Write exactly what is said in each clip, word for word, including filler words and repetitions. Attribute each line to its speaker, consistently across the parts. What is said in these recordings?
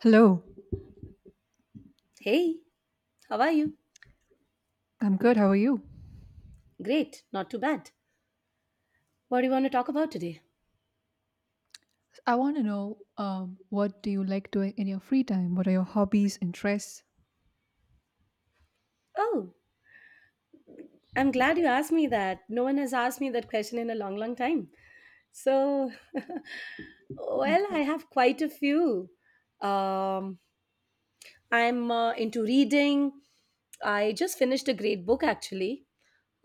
Speaker 1: Hello.
Speaker 2: Hey, how are you?
Speaker 1: I'm good. How are you?
Speaker 2: Great, not too bad. What do you want to talk about today?
Speaker 1: I want to know um, what do you like doing in your free time? What are your hobbies, interests?
Speaker 2: Oh, I'm glad you asked me that. No one has asked me that question in a long, long time. So,
Speaker 1: Hmm.
Speaker 2: well, I have quite a few. Um, I'm uh, into reading. I just finished a great book actually.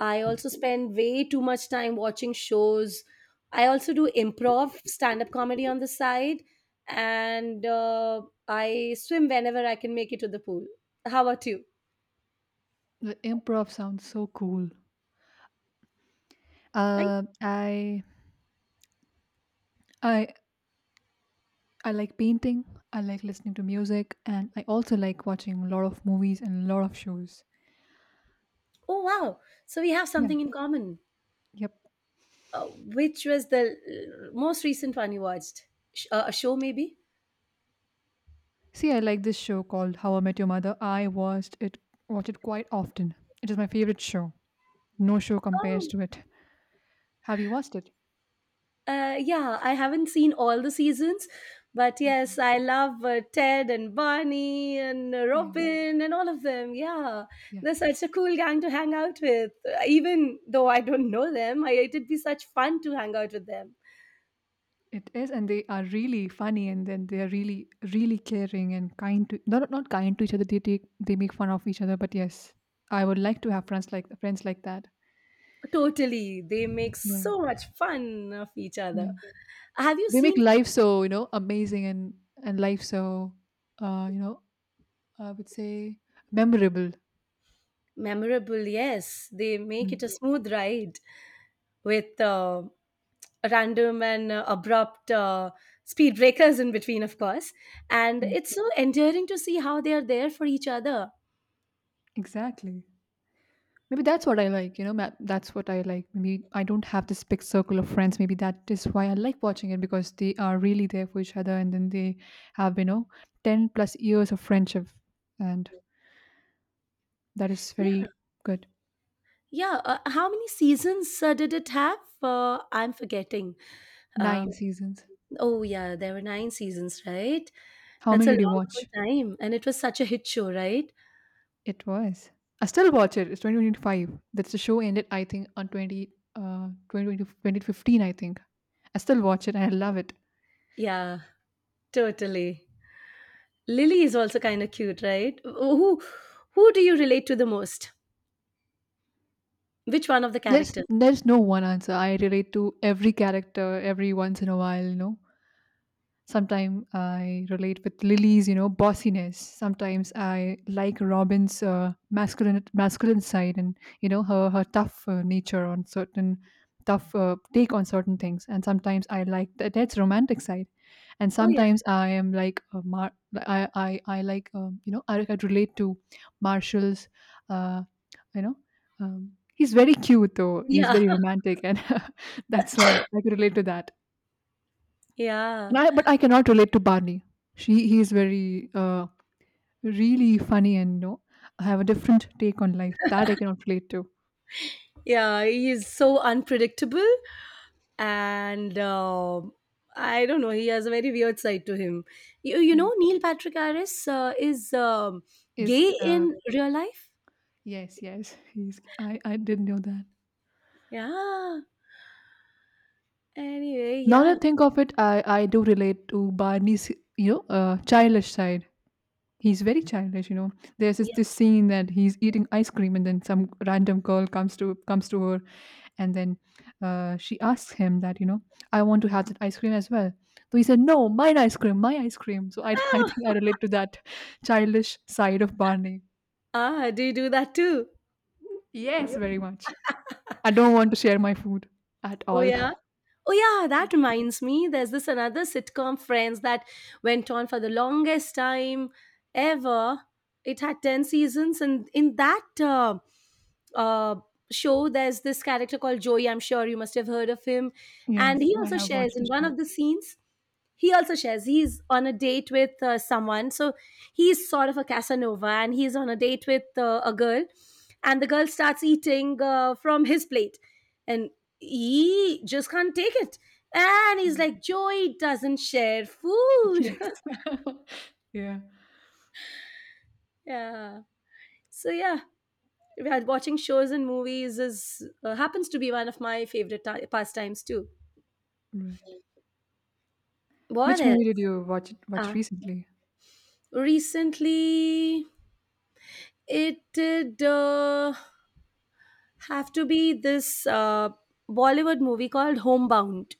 Speaker 2: I also spend way too much time watching shows. I also do improv, stand up comedy on the side, and uh, I swim whenever I can make it to the pool. How about you?
Speaker 1: The improv sounds so cool.
Speaker 2: Right?
Speaker 1: Uh, I I I like painting. I like listening to music, and I also like watching a lot of movies and a lot of shows.
Speaker 2: Oh, wow. So we have
Speaker 1: Yeah.
Speaker 2: something in common.
Speaker 1: Yep.
Speaker 2: Uh, which was the l- most recent one you watched? Sh- uh, a show, maybe?
Speaker 1: See, I like this show called How I Met Your Mother. I watched it watch it quite often. It is my favorite show. No show compares
Speaker 2: Oh.
Speaker 1: to it. Have you watched it?
Speaker 2: Uh, yeah, I haven't seen all the seasons, but
Speaker 1: Okay.
Speaker 2: yes, I love uh, Ted and Barney and uh,
Speaker 1: Yes.
Speaker 2: Robin and all of them. Yeah, they're
Speaker 1: Yes.
Speaker 2: such a cool gang to hang out with. Uh, Even though I don't know them, I, it'd be such fun to hang out with them.
Speaker 1: It is, and they are really funny, and then they are really, really caring and kind to not not kind to each other. They take they make fun of each other, but yes, I would like to have friends like friends like that.
Speaker 2: Totally, they make
Speaker 1: Yeah,
Speaker 2: so much fun of each
Speaker 1: yeah.
Speaker 2: other. Have you
Speaker 1: They make
Speaker 2: seen?
Speaker 1: life so you know amazing, and and life so, uh, you know I would say, memorable.
Speaker 2: Memorable? Yes, they make it a
Speaker 1: Mm,
Speaker 2: smooth ride, with uh, random and uh, abrupt uh, speed breakers in between, of course. And
Speaker 1: mm.
Speaker 2: it's so endearing to see how they are there for each other.
Speaker 1: Exactly. Maybe that's what I like, you know, ma- that's what I like. Maybe I don't have this big circle of friends. Maybe that is why I like watching it, because they are really there for each other, and then they have, you know, ten plus years of friendship. And that is
Speaker 2: Yeah,
Speaker 1: very good.
Speaker 2: yeah. Uh, how many seasons uh, did it have? Uh, I'm forgetting. Um,
Speaker 1: Nine seasons.
Speaker 2: oh, yeah, there were nine seasons, right?
Speaker 1: How
Speaker 2: That's
Speaker 1: many
Speaker 2: a
Speaker 1: did you
Speaker 2: long,
Speaker 1: watch?
Speaker 2: long time. And it was such a hit show, right?
Speaker 1: It was. I still watch it. It's twenty twenty-five. That's the show ended, I think, on twenty, uh, twenty twenty fifteen, I think. I still watch it and I love it.
Speaker 2: Yeah, totally. Lily is also kind of cute, right? Who who do you relate to the most? Which one of the
Speaker 1: There's
Speaker 2: characters?
Speaker 1: there's no one answer. I relate to every character every once in a while, you know. Sometimes I relate with Lily's, you know, bossiness. Sometimes I like Robin's uh, masculine masculine side, and you know her her tough uh, nature on certain tough uh, take on certain things. And sometimes I like that that's romantic side. And
Speaker 2: Oh yeah.
Speaker 1: sometimes I am like, uh, Mar- I, I I like, um, you know I could relate to Marshall's, uh, you know. Um, He's very cute though. He's
Speaker 2: Yeah.
Speaker 1: very romantic, and that's why I could relate to that. And
Speaker 2: Yeah.
Speaker 1: I but I cannot relate to Barney. She he is very uh, really funny, and you know I have a different take on life that I cannot relate to.
Speaker 2: Yeah, he is so unpredictable, and um I don't know, he has a very weird side to him. you, you
Speaker 1: Mm.
Speaker 2: know Neil Patrick Harris uh, is um,
Speaker 1: Is
Speaker 2: gay
Speaker 1: uh,
Speaker 2: in real life.
Speaker 1: yes yes, he's I I didn't know that.
Speaker 2: Yeah, anyway,
Speaker 1: Now that
Speaker 2: yeah.
Speaker 1: I think of it, I I do relate to Barney's you know uh, childish side. He's very childish, you know. There's this,
Speaker 2: Yeah,
Speaker 1: this scene that he's eating ice cream and then some random girl comes to comes to her. And then uh, she asks him that, you know, I want to have that ice cream as well. So he said, No, mine ice cream, my ice cream. So I, I think I relate to that childish side of Barney.
Speaker 2: ah, do you do that too?
Speaker 1: Yes,
Speaker 2: Yeah.
Speaker 1: very much. I don't want to share my food at
Speaker 2: Oh
Speaker 1: all.
Speaker 2: yeah. Oh yeah, that reminds me. There's this another sitcom, Friends, that went on for the longest time ever. It had ten seasons, and in that uh, uh, show there's this character called Joey. I'm sure you must have heard of him. And
Speaker 1: Yes,
Speaker 2: he
Speaker 1: I
Speaker 2: also
Speaker 1: have
Speaker 2: shares
Speaker 1: watched the
Speaker 2: in one
Speaker 1: show.
Speaker 2: of the scenes, he also shares he's on a date with uh, someone. So he's sort of a Casanova and he's on a date with uh, a girl, and the girl starts eating uh, from his plate, and he just can't take it, and he's
Speaker 1: Mm.
Speaker 2: like, Joey doesn't share food.
Speaker 1: Yes. yeah.
Speaker 2: Yeah, so yeah. Yeah, watching shows and movies is uh, happens to be one of my favorite ti pastimes too.
Speaker 1: Right.
Speaker 2: What
Speaker 1: Which
Speaker 2: else?
Speaker 1: movie did you watch watch
Speaker 2: Uh,
Speaker 1: recently?
Speaker 2: Recently, it did uh, have to be this uh, Bollywood movie called Homebound.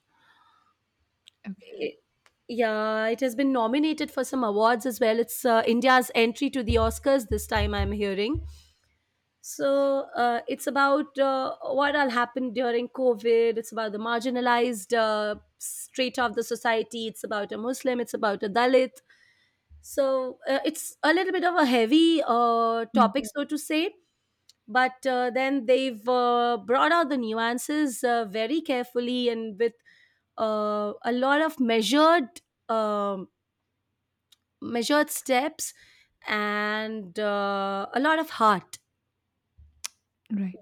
Speaker 1: Okay.
Speaker 2: It- yeah, it has been nominated for some awards as well. It's uh, India's entry to the Oscars this time, I'm hearing. So uh, it's about uh, what all happened during COVID. It's about the marginalized uh, straight of the society. It's about a Muslim. It's about a Dalit. So uh, it's a little bit of a heavy uh,
Speaker 1: Mm,
Speaker 2: topic, so to say, but uh, then they've uh, brought out the nuances uh, very carefully and with uh, a lot of measured um, measured steps, and uh, a lot of heart.
Speaker 1: right.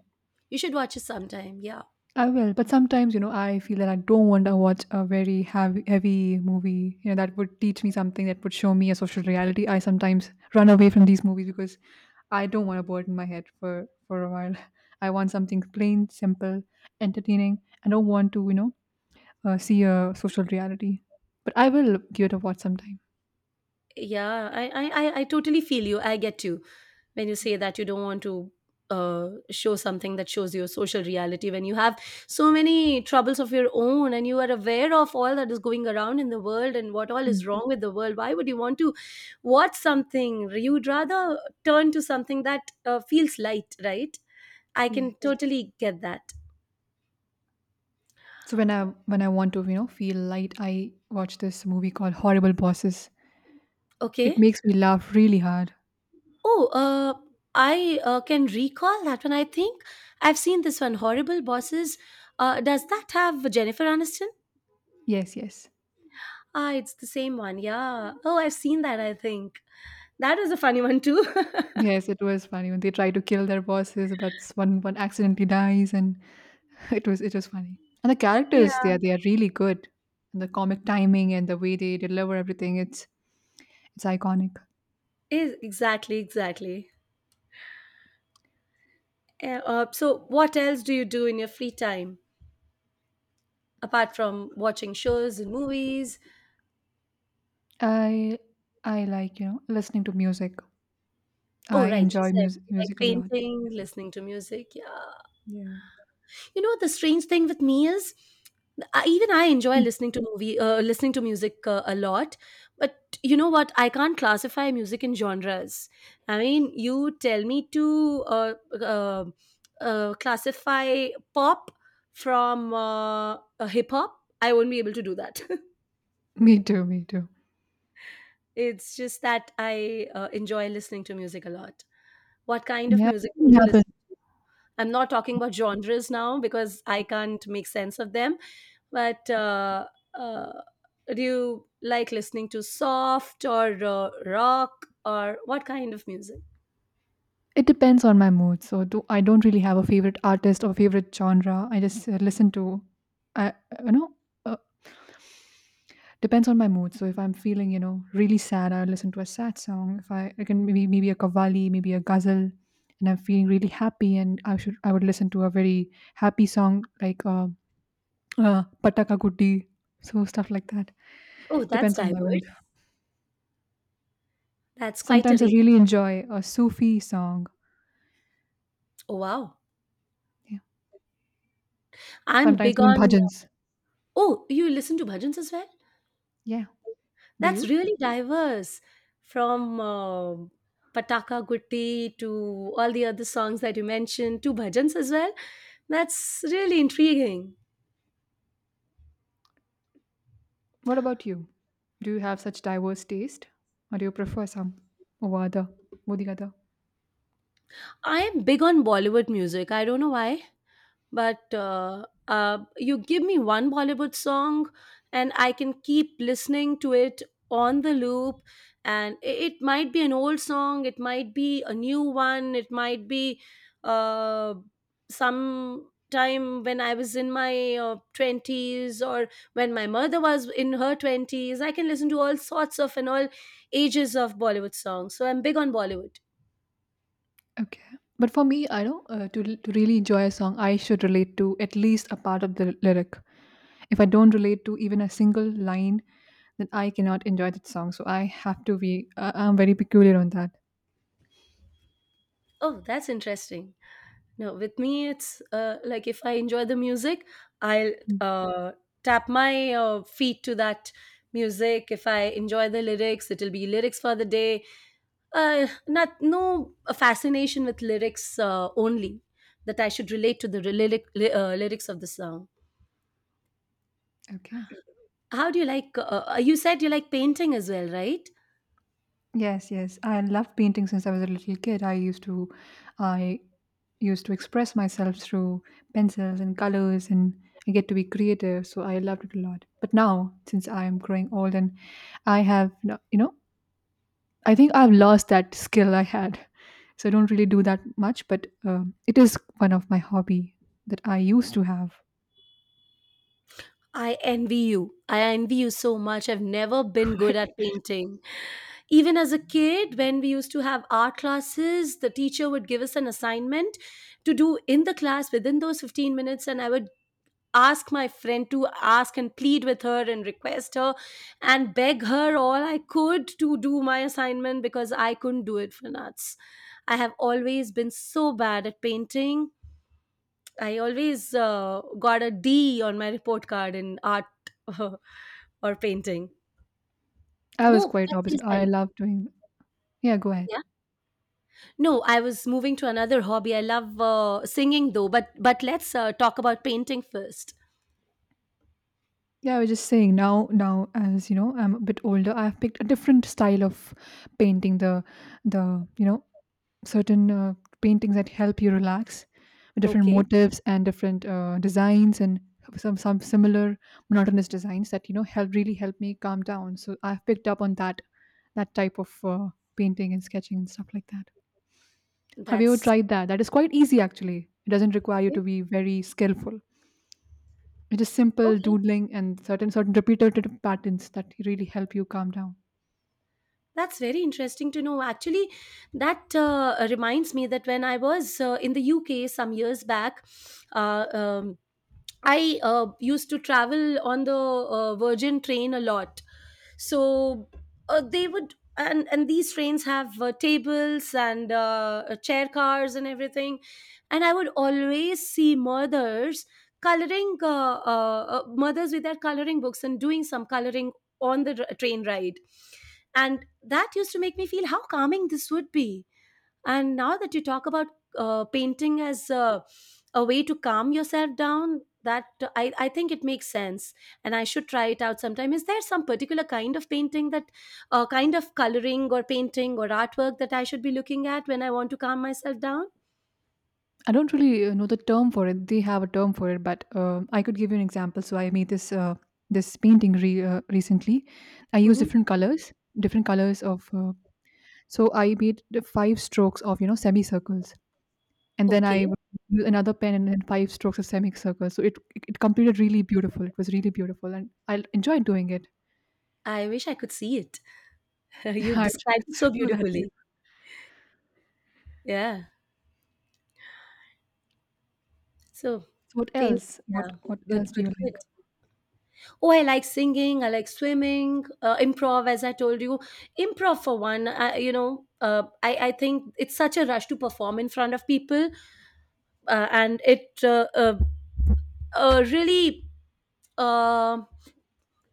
Speaker 2: You should watch it sometime. Yeah.
Speaker 1: I will, but sometimes, you know, I feel that I don't want to watch a very heavy, heavy movie, you know, that would teach me something, that would show me a social reality. I sometimes run away from these movies because I don't want to burden my head for, for, a while. I want something plain, simple, entertaining. I don't want to, you know, uh, see a social reality. But I will give it a watch sometime.
Speaker 2: Yeah, I, I i I totally feel you, i get you when you say that you don't want to uh, show something that shows your social reality when you have so many troubles of your own and you are aware of all that is going around in the world and what all is
Speaker 1: Mm.
Speaker 2: wrong with the world. Why would you want to watch something? You'd rather turn to something that uh, feels light, right? I can
Speaker 1: Yes.
Speaker 2: totally get that.
Speaker 1: So when I when I want to, you know, feel light, I watch this movie called Horrible Bosses. It
Speaker 2: Okay.
Speaker 1: makes me laugh really hard.
Speaker 2: Oh, uh, I uh, can recall that one, I think. I've seen this one, Horrible Bosses. Uh, does that have Jennifer Aniston?
Speaker 1: Yes, yes.
Speaker 2: Ah, it's the same one. Yeah. Oh, I've seen that, I think. That is a funny one too.
Speaker 1: Yes, it was funny when they try to kill their bosses, but s- one one accidentally dies, and it was it was funny. And the
Speaker 2: Yeah.
Speaker 1: characters they are they are really good, and the comic timing and the way they deliver everything, it's it's iconic.
Speaker 2: Is exactly, exactly. Uh, uh, so what else do you do in your free time apart from watching shows and movies?
Speaker 1: I I like you know listening to music.
Speaker 2: Oh,
Speaker 1: I
Speaker 2: right, you
Speaker 1: enjoy
Speaker 2: said
Speaker 1: music
Speaker 2: you like
Speaker 1: music a lot.
Speaker 2: painting, listening to music. Yeah.
Speaker 1: Yeah,
Speaker 2: You know what the strange thing with me is, I, even I enjoy
Speaker 1: mm,
Speaker 2: listening to movie, uh, listening to music uh, a lot. But you know what? I can't classify music in genres. I mean, you tell me to uh, uh, uh, classify pop from uh, uh, hip hop. I won't be able to do that.
Speaker 1: me too, me too.
Speaker 2: It's just that I uh, enjoy listening to music a lot. What kind of
Speaker 1: Yeah,
Speaker 2: music
Speaker 1: it
Speaker 2: do you
Speaker 1: happen.
Speaker 2: listen? I'm not talking about genres now because I can't make sense of them. But uh, uh, do you like listening to soft or uh, rock or what kind of music?
Speaker 1: It depends on my mood. So do I don't really have a favorite artist or favorite genre. I just uh, listen to. I you know. Uh, Depends on my mood. So if I'm feeling, you know, really sad, I'll listen to a sad song. If I, I can maybe maybe a qawwali, maybe a ghazal, and I'm feeling really happy, and I should I would listen to a very happy song like uh, uh, Pataka Gutti. So stuff like that
Speaker 2: Oh, that's
Speaker 1: depends on my
Speaker 2: diverse.
Speaker 1: mood.
Speaker 2: That's quite a
Speaker 1: Sometimes I
Speaker 2: range.
Speaker 1: really enjoy a Sufi song.
Speaker 2: Oh, wow.
Speaker 1: Yeah.
Speaker 2: I'm
Speaker 1: Sometimes
Speaker 2: big
Speaker 1: even
Speaker 2: on.
Speaker 1: bhajans.
Speaker 2: Oh, you listen to bhajans as well?
Speaker 1: Yeah. Do
Speaker 2: That's
Speaker 1: you?
Speaker 2: really diverse, from uh, Pataka Gutti to all the other songs that you mentioned to bhajans as well. That's really intriguing.
Speaker 1: What about you? Do you have such diverse taste, or do you prefer some over other, or the other?
Speaker 2: I am big on Bollywood music. I don't know why, but uh, uh, you give me one Bollywood song and I can keep listening to it on the loop. And i- it might be an old song, it might be a new one, it might be uh, some time when I was in my uh, twenties, or when my mother was in her twenties. I can listen to all sorts of and all ages of Bollywood songs. So I'm big on Bollywood.
Speaker 1: Okay. But for me, I know uh, to to really enjoy a song, I should relate to at least a part of the lyric. If I don't relate to even a single line, then I cannot enjoy that song. So I have to be. Uh, I'm very peculiar on that.
Speaker 2: Oh, that's interesting. No, with me, it's uh, like if I enjoy the music, I'll
Speaker 1: Mm.
Speaker 2: uh, tap my uh, feet to that music. If I enjoy the lyrics, it'll be lyrics for the day. Uh, not no fascination with lyrics uh, only that I should relate to the lyric, uh, lyrics of the song.
Speaker 1: Okay.
Speaker 2: How do you like? Uh, uh, you said you like painting as well, right?
Speaker 1: Yes. Yes. I loved painting since I was a little kid. I used to, I used to express myself through pencils and colors, and I get to be creative. So I loved it a lot. But now, since I am growing old and I have, no- you know I think I've lost that skill I had, so I don't really do that much. But um, it is one of my hobby that I used to have.
Speaker 2: I envy you. I envy you so much. I've never been good at painting. Even as a kid, when we used to have art classes, the teacher would give us an assignment to do in the class within those fifteen minutes, and I would ask my friend to ask and plead with her and request her and beg her all I could to do my assignment because I couldn't do it for nuts. I have always been so bad at painting. I always uh, got a D on my report card in art or painting.
Speaker 1: I was
Speaker 2: Oh,
Speaker 1: quite
Speaker 2: that's your
Speaker 1: opposite. I
Speaker 2: style.
Speaker 1: love doing. Yeah, go ahead.
Speaker 2: Yeah. No, I was moving to another hobby. I love uh, singing though, but but let's uh, talk about painting first.
Speaker 1: Yeah, I was just saying now. Now, as you know, I'm a bit older. I've picked a different style of painting, the the you know certain uh, paintings that help you relax with different
Speaker 2: Okay,
Speaker 1: motifs and different uh, designs, and some some similar monotonous designs that you know help really help me calm down. So I've picked up on that that type of uh, painting and sketching and stuff like that. Have you ever
Speaker 2: that's
Speaker 1: tried that? That is quite easy, actually. It doesn't require you to
Speaker 2: okay.
Speaker 1: be very skillful. It is simple
Speaker 2: Okay.
Speaker 1: doodling and certain certain repetitive patterns that really help you calm down.
Speaker 2: That's very interesting to know. Actually, that uh, reminds me that when I was uh, in the U K some years back, uh, um, I uh, used to travel on the uh, Virgin train a lot. So uh, they would, and, and these trains have uh, tables and uh, uh, chair cars and everything. And I would always see mothers coloring, uh, uh, uh, mothers with their coloring books and doing some coloring on the r- train ride. And that used to make me feel how calming this would be, and now that you talk about uh, painting as a, a way to calm yourself down, that uh, I, I think it makes sense and I should try it out sometime. Is there some particular kind of painting that, uh, kind of coloring or painting or artwork that I should be looking at when I want to calm myself down?
Speaker 1: I don't really uh, know the term for it. They have a term for it, but uh, I could give you an example. So I made this uh, this painting re- uh, recently. I used
Speaker 2: Hmm.
Speaker 1: different colors, different colors of. Uh, so I made the five strokes of you know semicircles, and then
Speaker 2: Okay,
Speaker 1: I would use another pen and then five strokes of semicircles. So it it completed really beautiful. It was really beautiful, and I enjoyed doing it.
Speaker 2: I wish I could see it. You've
Speaker 1: I wish I
Speaker 2: described
Speaker 1: could
Speaker 2: it so
Speaker 1: do that. Too.
Speaker 2: beautifully. Yeah. So,
Speaker 1: So what
Speaker 2: painting.
Speaker 1: else? What
Speaker 2: Yeah.
Speaker 1: what
Speaker 2: Good,
Speaker 1: else do you
Speaker 2: good, good.
Speaker 1: like?
Speaker 2: Oh, I like singing, I like swimming, uh, improv as I told you. Improv for one, I, you know uh, I, I think it's such a rush to perform in front of people, uh, and it uh, uh, uh, really uh,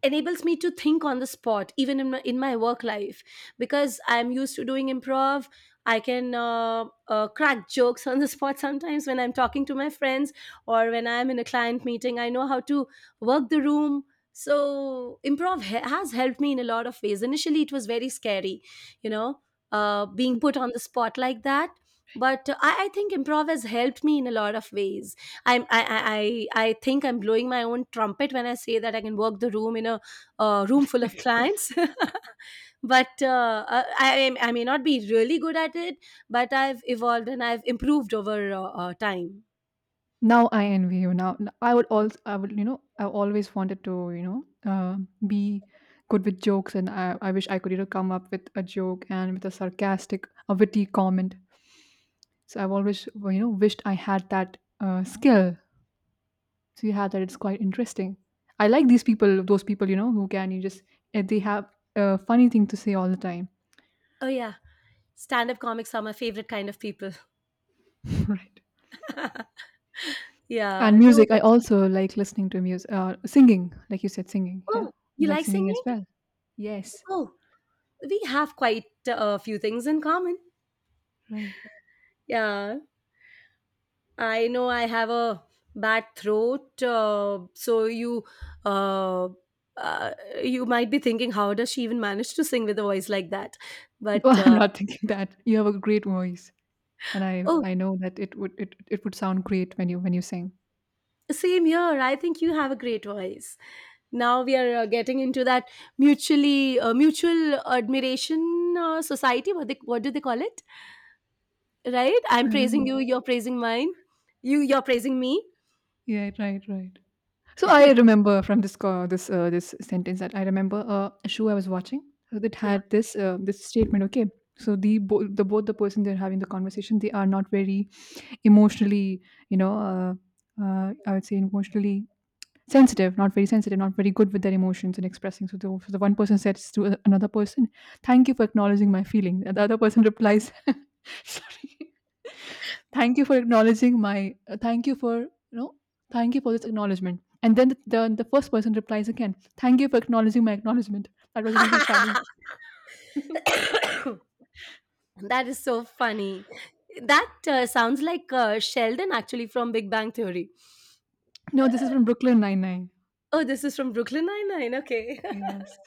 Speaker 2: enables me to think on the spot, even in my, in my work life, because I'm used to doing improv. I can uh, uh, crack jokes on the spot sometimes when I'm talking to my friends, or when I'm in a client meeting, I know how to work the room. So improv ha- has helped me in a lot of ways. Initially it was very scary, you know, uh, being put on the spot like that. But uh, I, I think improv has helped me in a lot of ways. I'm, I, I, I I think I'm blowing my own trumpet when I say that I can work the room in a uh, room full of clients. But uh, uh, I, I I may not be really good at it, but I've evolved and I've improved over uh, uh, time.
Speaker 1: Now I envy you. Now, I would also, I would, you know, I always wanted to, you know, uh, be good with jokes, and I, I wish I could, you know, come up with a joke and with a sarcastic, a witty comment. So I've always, well, you know, wished I had that uh, skill. So you had that. It's quite interesting. I like these people, those people, you know, who can you just eh, they have a funny thing to say all the time,
Speaker 2: Oh, yeah. Stand up comics are my favorite kind of people.
Speaker 1: right?
Speaker 2: Yeah.
Speaker 1: And
Speaker 2: No,
Speaker 1: music, I
Speaker 2: but
Speaker 1: also like listening to music, uh, singing, like you said, singing. Yeah,
Speaker 2: oh,
Speaker 1: I
Speaker 2: you
Speaker 1: like
Speaker 2: like
Speaker 1: singing as
Speaker 2: singing?
Speaker 1: well. Yes,
Speaker 2: Oh, we have quite a few things in common.
Speaker 1: right.
Speaker 2: Yeah. I know I have a bad throat, uh, so you uh, uh, you might be thinking, how does she even manage to sing with a voice like that?
Speaker 1: No,
Speaker 2: But
Speaker 1: I'm
Speaker 2: uh,
Speaker 1: not thinking that. You have a great voice, and I
Speaker 2: oh,
Speaker 1: I know that it would it it would sound great when you when you sing.
Speaker 2: Same here. I think you have a great voice. Now we are uh, getting into that mutually uh, mutual admiration uh, society. What they what do they call it? Right? I'm
Speaker 1: I don't
Speaker 2: praising
Speaker 1: know.
Speaker 2: you. You're praising mine. You you're praising me.
Speaker 1: Yeah, right, right. So I remember from this co- this uh, this sentence that I remember uh, a show I was watching uh, that
Speaker 2: Yeah.
Speaker 1: had this uh, this statement. Okay, so the bo- the both the person they're having the conversation, they are not very emotionally, you know, uh, uh, I would say emotionally sensitive, not very sensitive, not very good with their emotions and expressing. So the, so the one person says to another person, Thank you for acknowledging my feeling. And the other person replies, Sorry. Thank you for acknowledging my, uh, thank you for, you know, thank you for this acknowledgement." And then the, the, the first person replies again, Thank you for acknowledging my acknowledgement." That was really funny.
Speaker 2: That is so funny. That uh, sounds like uh, Sheldon actually from Big Bang Theory.
Speaker 1: No, this is from Brooklyn Nine-Nine.
Speaker 2: Oh, this is from Brooklyn Nine-Nine. Okay.
Speaker 1: Yes.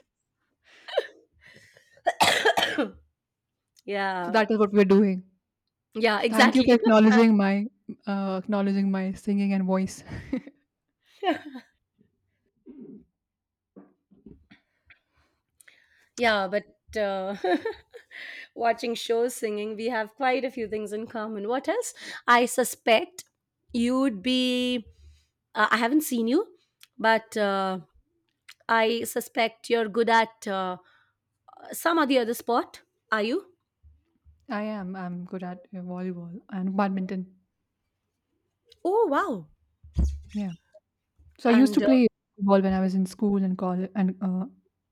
Speaker 1: So
Speaker 2: yeah.
Speaker 1: that is what we're doing.
Speaker 2: Yeah,
Speaker 1: Thank you for
Speaker 2: exactly.
Speaker 1: acknowledging my uh, acknowledging my singing and voice.
Speaker 2: yeah, but uh, watching shows, singing, we have quite a few things in common. What else? I suspect you'd be. Uh, I haven't seen you, but uh, I suspect you're good at uh, some or the other sport. Are you?
Speaker 1: I am. I'm good at uh, volleyball and badminton.
Speaker 2: Oh, wow.
Speaker 1: Yeah. So I used to
Speaker 2: And uh,
Speaker 1: play volleyball when I was in school and college and uh,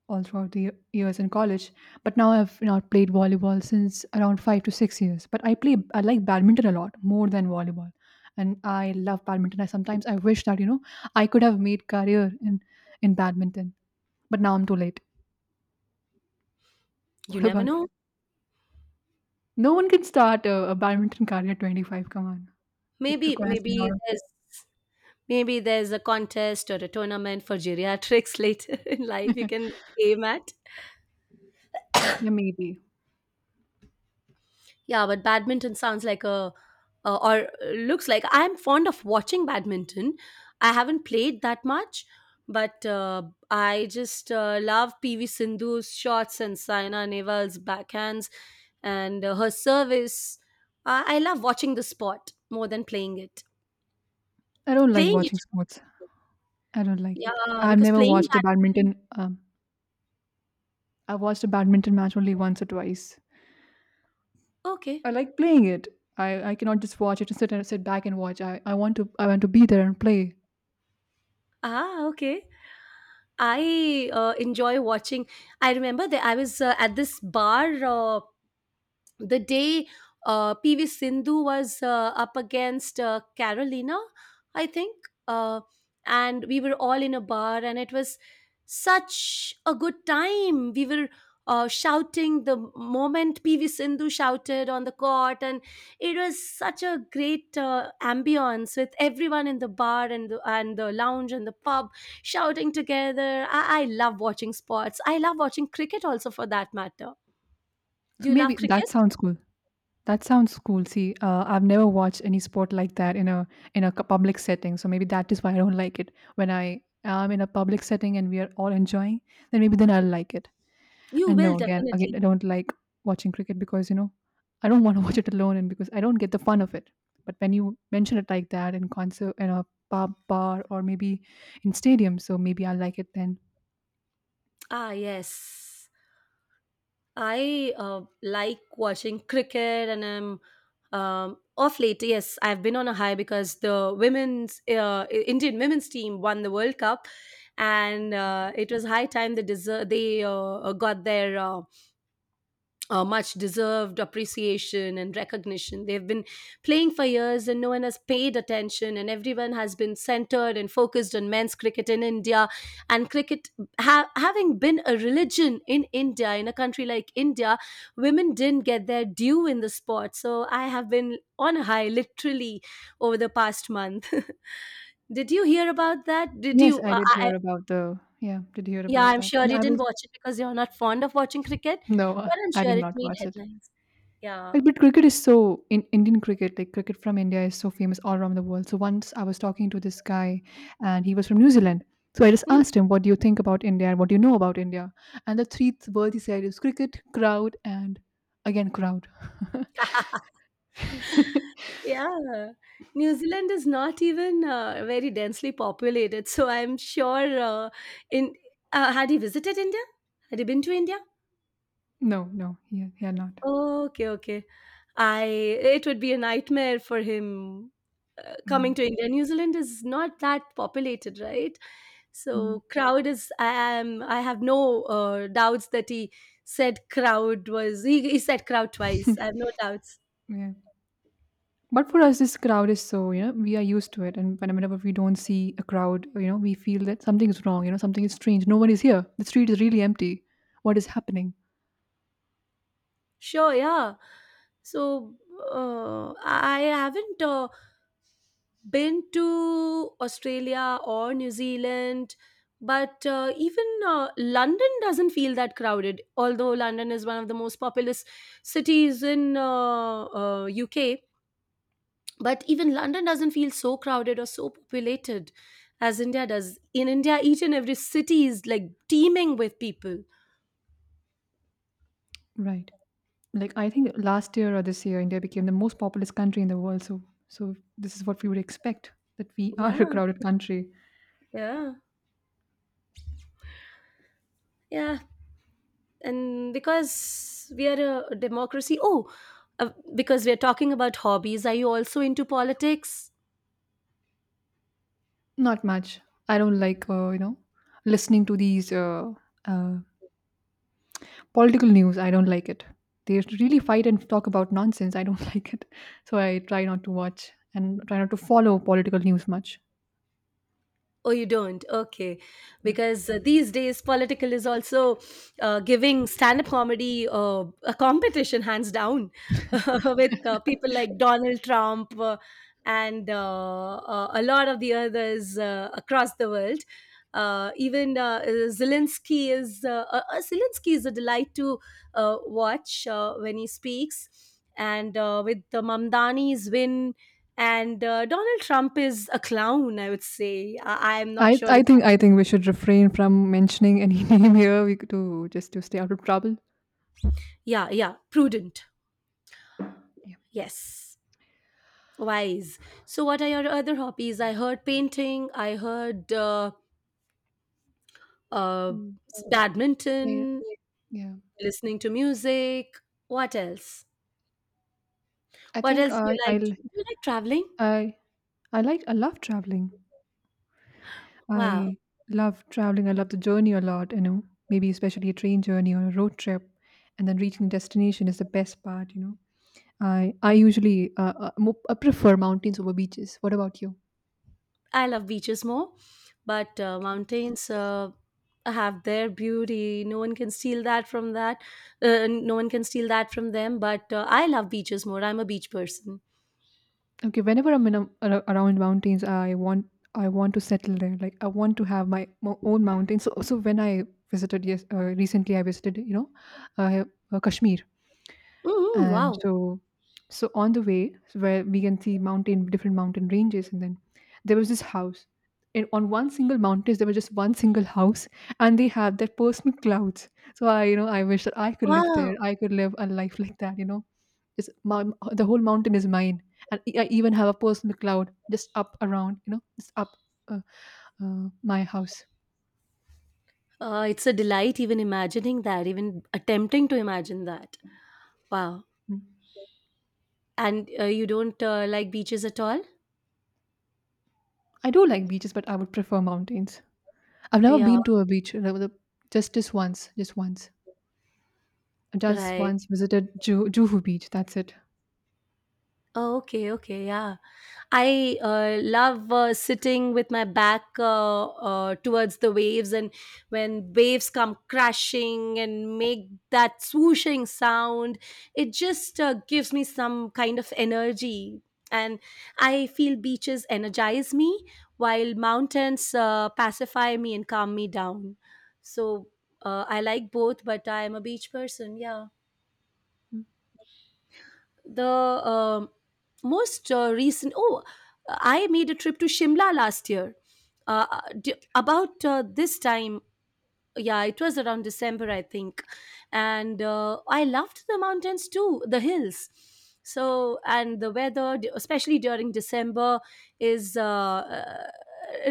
Speaker 1: all throughout the years in college. But now I've not played volleyball since around five to six years. But I play. I like badminton a lot more than volleyball, and I love badminton. I sometimes I wish that you know I could have made career in in badminton. But now I'm too late.
Speaker 2: you
Speaker 1: What
Speaker 2: never
Speaker 1: about you?
Speaker 2: know.
Speaker 1: No one can start a, a badminton career at twenty-five. Come on. It
Speaker 2: Maybe
Speaker 1: requires a
Speaker 2: maybe
Speaker 1: lot
Speaker 2: there's maybe there's a contest or a tournament for geriatrics later in life you
Speaker 1: of.
Speaker 2: can aim at.
Speaker 1: Yeah, maybe.
Speaker 2: Yeah, but badminton sounds like a uh, or looks like I'm fond of watching badminton. I haven't played that much, but uh, I just uh, love P V Sindhu's shots and Saina Nehwal's backhands and uh, her service. Uh, I love watching the sport more than playing it.
Speaker 1: I don't like
Speaker 2: Playing it,
Speaker 1: watching sports. I don't like it.
Speaker 2: yeah,
Speaker 1: I've
Speaker 2: because
Speaker 1: never
Speaker 2: playing
Speaker 1: watched a
Speaker 2: badminton.
Speaker 1: badminton. Um, I've watched a badminton match only once or twice.
Speaker 2: Okay.
Speaker 1: I like playing it. I, I cannot just watch it and sit and sit back and watch. I, I want to I want to be there and play.
Speaker 2: Ah, okay. I uh, enjoy watching. I remember that I was uh, at this bar. Uh, the day uh, P V Sindhu was uh, up against uh, Carolina, I think, uh, and we were all in a bar, and it was such a good time. We were uh, shouting the moment P V Sindhu shouted on the court, and it was such a great uh, ambience with everyone in the bar and the, and the lounge and the pub shouting together. I, I love watching sports. I love watching cricket also, for that matter. Do
Speaker 1: So
Speaker 2: you love
Speaker 1: maybe that
Speaker 2: cricket?
Speaker 1: sounds cool. That sounds cool. See, uh, I've never watched any sport like that in a in a cu- public setting. So maybe that is why I don't like it. When I am in a public setting and we are all enjoying, then maybe then I'll like it.
Speaker 2: You
Speaker 1: And
Speaker 2: will
Speaker 1: no, again, again,
Speaker 2: definitely.
Speaker 1: I don't like watching cricket because you know I don't want to watch it alone, and because I don't get the fun of it. But when you mention it like that in concert, in a pub, bar, or maybe in stadium, so maybe I like it then.
Speaker 2: Ah, yes. I uh, like watching cricket and I'm um, off late. Yes, I've been on a high because the women's uh, I- Indian women's team won the World Cup, and uh, it was high time they deserve, they uh, got their uh, uh, much deserved appreciation and recognition. They've been playing for years and no one has paid attention, and everyone has been centered and focused on men's cricket in India. And cricket, ha- having been a religion in India, in a country like India, women didn't get their due in the sport. So I have been on a high literally over the past month. Did you hear about that? Did
Speaker 1: Yes,
Speaker 2: you?
Speaker 1: I
Speaker 2: Uh,
Speaker 1: did hear
Speaker 2: I,
Speaker 1: about the yeah, did hear
Speaker 2: yeah,
Speaker 1: about
Speaker 2: I'm
Speaker 1: that,
Speaker 2: sure
Speaker 1: and
Speaker 2: you
Speaker 1: I
Speaker 2: didn't
Speaker 1: was
Speaker 2: watch it because you're not fond of watching cricket,
Speaker 1: no,
Speaker 2: but I'm
Speaker 1: I
Speaker 2: sure
Speaker 1: did
Speaker 2: it
Speaker 1: not
Speaker 2: made
Speaker 1: watch it.
Speaker 2: headlines.
Speaker 1: Like,
Speaker 2: Yeah.
Speaker 1: but cricket is so in Indian cricket, like cricket from India is so famous all around the world. So once I was talking to this guy, and he was from New Zealand. So I just asked him, "What do you think about India? And what do you know about India?" And the three th- words he said is cricket, crowd, and again crowd.
Speaker 2: Yeah, New Zealand is not even uh, very densely populated, so I'm sure. Uh, in uh, Had he visited India? Had he been to India?
Speaker 1: No, no, he he had not.
Speaker 2: Okay, okay. I it would be a nightmare for him uh, coming to
Speaker 1: Right.
Speaker 2: India. New Zealand is not that populated, right?
Speaker 1: Mm.
Speaker 2: So crowd is. I am. I have no uh, doubts that he said crowd was. He, he said crowd twice. I have no doubts.
Speaker 1: Yeah. But for us, this crowd is so, you know, we are used to it. And whenever we don't see a crowd, you know, we feel that something is wrong, you know, something is strange. No one is here. The street is really empty. What is happening?
Speaker 2: Sure, yeah. So uh, I haven't uh, been to Australia or New Zealand, but uh, even uh, London doesn't feel that crowded. Although London is one of the most populous cities in uh, uh, U K, but even London doesn't feel so crowded or so populated as India does. In India, each and every city is like teeming with people.
Speaker 1: Right. Like, I think last year or this year, India became the most populous country in the world. So, so this is what we would expect that we are
Speaker 2: Yeah,
Speaker 1: a crowded country.
Speaker 2: yeah, yeah. And because we are a democracy, oh uh, because we are talking about hobbies, are you also into politics?
Speaker 1: Not much. I don't like, uh, you know, listening to these uh, uh, political news, I don't like it. They really fight and talk about nonsense. I don't like it. So I try not to watch and try not to follow political news much.
Speaker 2: Oh, you don't? Okay.
Speaker 1: Yeah.
Speaker 2: Because uh, these days, political is also uh, giving stand up comedy uh, a competition, hands down, with uh, people like Donald Trump uh, and uh, uh, a lot of the others uh, across the world. Uh, even uh, Zelensky is uh, uh, uh, Zelensky is a delight to uh, watch uh, when he speaks, and uh, with the Mamdani's win, and uh, Donald Trump is a clown, I would say. I am not
Speaker 1: I,
Speaker 2: sure
Speaker 1: I
Speaker 2: if
Speaker 1: think I think we should refrain from mentioning any name here we could to just to stay out of trouble.
Speaker 2: yeah, yeah, prudent,
Speaker 1: Yeah.
Speaker 2: yes, wise. So what are your other hobbies? I heard painting, I heard uh, uh,
Speaker 1: Mm. So, yeah.
Speaker 2: badminton,
Speaker 1: Yeah.
Speaker 2: listening to music, what else?
Speaker 1: I
Speaker 2: What
Speaker 1: think
Speaker 2: else do
Speaker 1: I
Speaker 2: you
Speaker 1: I
Speaker 2: like? Do
Speaker 1: l-
Speaker 2: you like traveling?
Speaker 1: I I like I love traveling.
Speaker 2: Wow.
Speaker 1: I love traveling. I love the journey a lot, you know. Maybe especially a train journey or a road trip and then reaching destination is the best part, you know. I I usually uh, uh, mo- I prefer mountains over beaches. What about you?
Speaker 2: I love beaches more, but uh,
Speaker 1: Okay.
Speaker 2: mountains uh, have their beauty. No one can steal that from that. Uh, no one can steal that from them. But uh, I love beaches more. I'm a beach person.
Speaker 1: Okay, whenever I'm in a, ar- around mountains, I want I want to settle there. Like I want to have my, mo own mountain. So so when I visited yes uh, recently, I visited you know uh, uh, Kashmir.
Speaker 2: Hmm.
Speaker 1: And
Speaker 2: Wow.
Speaker 1: so so on the way so where we can see mountain different mountain ranges and then there was this house and on one single mountain there was just one single house and they have their personal clouds, so I, you know, I wish that I could live
Speaker 2: Wow!
Speaker 1: there. I could live a life like that, you know. It's my, the whole mountain is mine and e- I even have a personal cloud just up around, you know, just up uh, uh, my house.
Speaker 2: Uh, it's a delight even imagining that, even attempting to imagine that. Wow!
Speaker 1: Mm.
Speaker 2: And uh, you don't uh, like beaches at all?
Speaker 1: I do like beaches, but I would prefer mountains. I've never
Speaker 2: Yeah,
Speaker 1: been to a beach uh, the- just just once just once just
Speaker 2: right.
Speaker 1: once visited Ju Juhu Beach, that's it.
Speaker 2: Oh, okay, okay, yeah. I uh, love uh, sitting with my back uh, uh, towards the waves, and when waves come crashing and make that swooshing sound, it just uh, gives me some kind of energy. And I feel beaches energize me while mountains uh, pacify me and calm me down. So uh, I like both, but I am a beach person. Yeah
Speaker 1: Mm.
Speaker 2: the um Most uh, recent, oh, I made a trip to Shimla last year, uh, uh, d- about uh, this time. Yeah, it was around December, I think. And uh, I loved the mountains too, the hills. So and the weather d- especially during December, is uh, uh,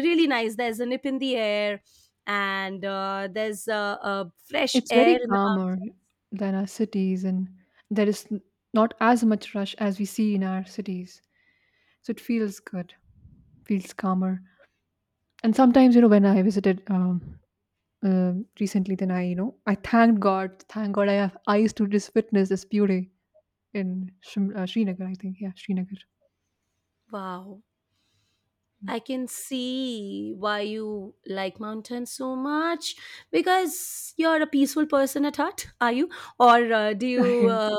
Speaker 2: really nice. There's a nip in the air, and uh, there's uh, uh, fresh
Speaker 1: It's very
Speaker 2: air in the mountains.
Speaker 1: calmer than our cities, and there is n not as much rush as we see in our cities, so it feels good, feels calmer. And sometimes, you know, when I visited, um, uh, recently, then I, you know, I thanked God, thank God I have eyes to just witness this beauty in Shim uh, Srinagar, I think. Yeah, Srinagar.
Speaker 2: Wow.
Speaker 1: Yeah.
Speaker 2: I can see why you like mountains so much, because you're a peaceful person at heart, are you? Or uh, do you
Speaker 1: Yes.
Speaker 2: uh,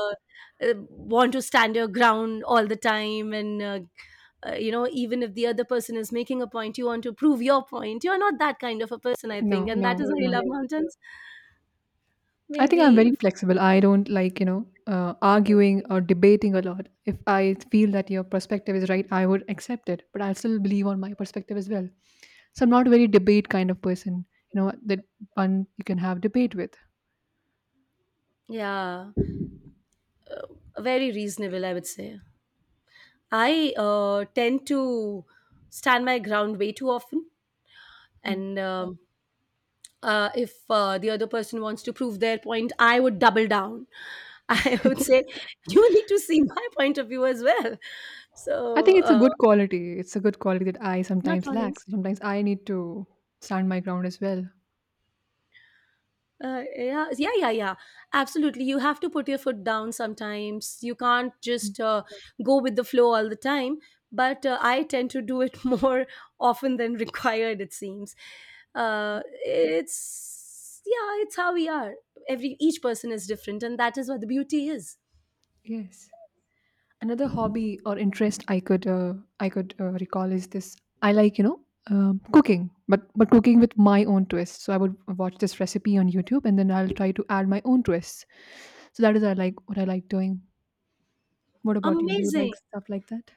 Speaker 2: uh, want to stand your ground all the time, and, uh, uh, you know, even if the other person is making a point, you want to prove your point? You're not that kind of a person, I
Speaker 1: No,
Speaker 2: think. And that is
Speaker 1: no,
Speaker 2: why you
Speaker 1: no.
Speaker 2: love mountains.
Speaker 1: I think I'm
Speaker 2: Maybe,
Speaker 1: very flexible. I don't like, you know, uh, arguing or debating a lot. If I feel that your perspective is right, I would accept it, but I still believe on my perspective as well. So I'm not a very debate kind of person, you know, that one you can have debate with.
Speaker 2: yeah, very reasonable, I would say. I uh, tend to stand my ground way too often.
Speaker 1: Mm.
Speaker 2: And, um, uh, if uh, the other person wants to prove their point, I would double down. I would say, you need to see my point of view as well.
Speaker 1: I
Speaker 2: So,
Speaker 1: think it's a
Speaker 2: uh,
Speaker 1: good quality. It's a good quality that I
Speaker 2: not
Speaker 1: sometimes lack.
Speaker 2: always.
Speaker 1: Sometimes I need to stand my ground as well.
Speaker 2: Uh, yeah, yeah, yeah, yeah. Absolutely. You have to put your foot down sometimes. You can't
Speaker 1: Mm.
Speaker 2: just uh, go with the flow all the time. But uh, I tend to do it more often than required, it seems. Uh, it's, yeah, it's how we are. Every Each person is different, and that is what the beauty is.
Speaker 1: Yes. Another hobby or interest i could uh, i could uh, recall is this. I like, you know, um, cooking, but but cooking with my own twist. So I would watch this recipe on YouTube and then I'll try to add my own twists. So that is I like what I like doing. What about you? Do you like
Speaker 2: Amazing.
Speaker 1: stuff like that?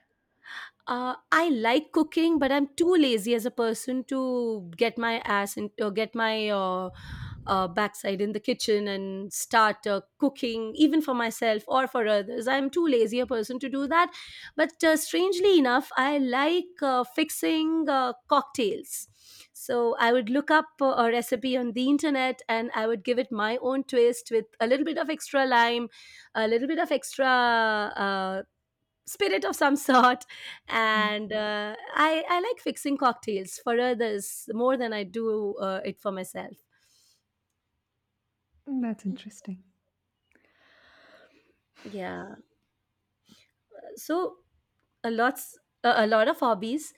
Speaker 2: Uh, I like cooking, but I'm too lazy as a person to get my ass and uh, get my uh, uh, backside in the kitchen and start uh, cooking, even for myself or for others. I'm too lazy a person to do that. But uh, Strangely enough, I like uh, fixing uh, cocktails. So I would look up uh, a recipe on the internet, and I would give it my own twist with a little bit of extra lime, a little bit of extra uh, spirit of some sort.
Speaker 1: Mm.
Speaker 2: And uh, I, I like fixing cocktails for others more than I do uh, it for myself.
Speaker 1: Mm, that's interesting.
Speaker 2: Yeah. So a lots a, a lot of hobbies,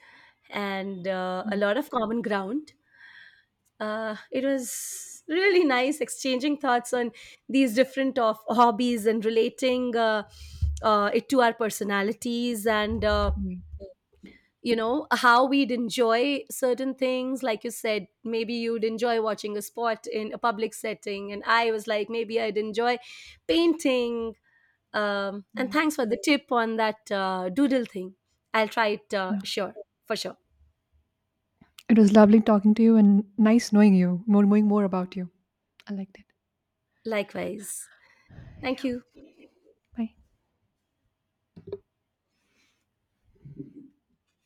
Speaker 2: and uh, a
Speaker 1: Yeah,
Speaker 2: lot of common ground. Uh, it was really nice exchanging thoughts on these different of hobbies and relating uh, uh, it to our personalities, and uh,
Speaker 1: right,
Speaker 2: you know, how we'd enjoy certain things. Like you said, maybe you'd enjoy watching a sport in a public setting, and I was like, maybe I'd enjoy painting. Um, and
Speaker 1: right.
Speaker 2: thanks for the tip on that uh, doodle thing. I'll try it, uh,
Speaker 1: Yeah,
Speaker 2: sure, for sure.
Speaker 1: it was lovely talking to you and nice knowing you, more knowing more about you. I liked it.
Speaker 2: Likewise. Thank you.
Speaker 1: Bye.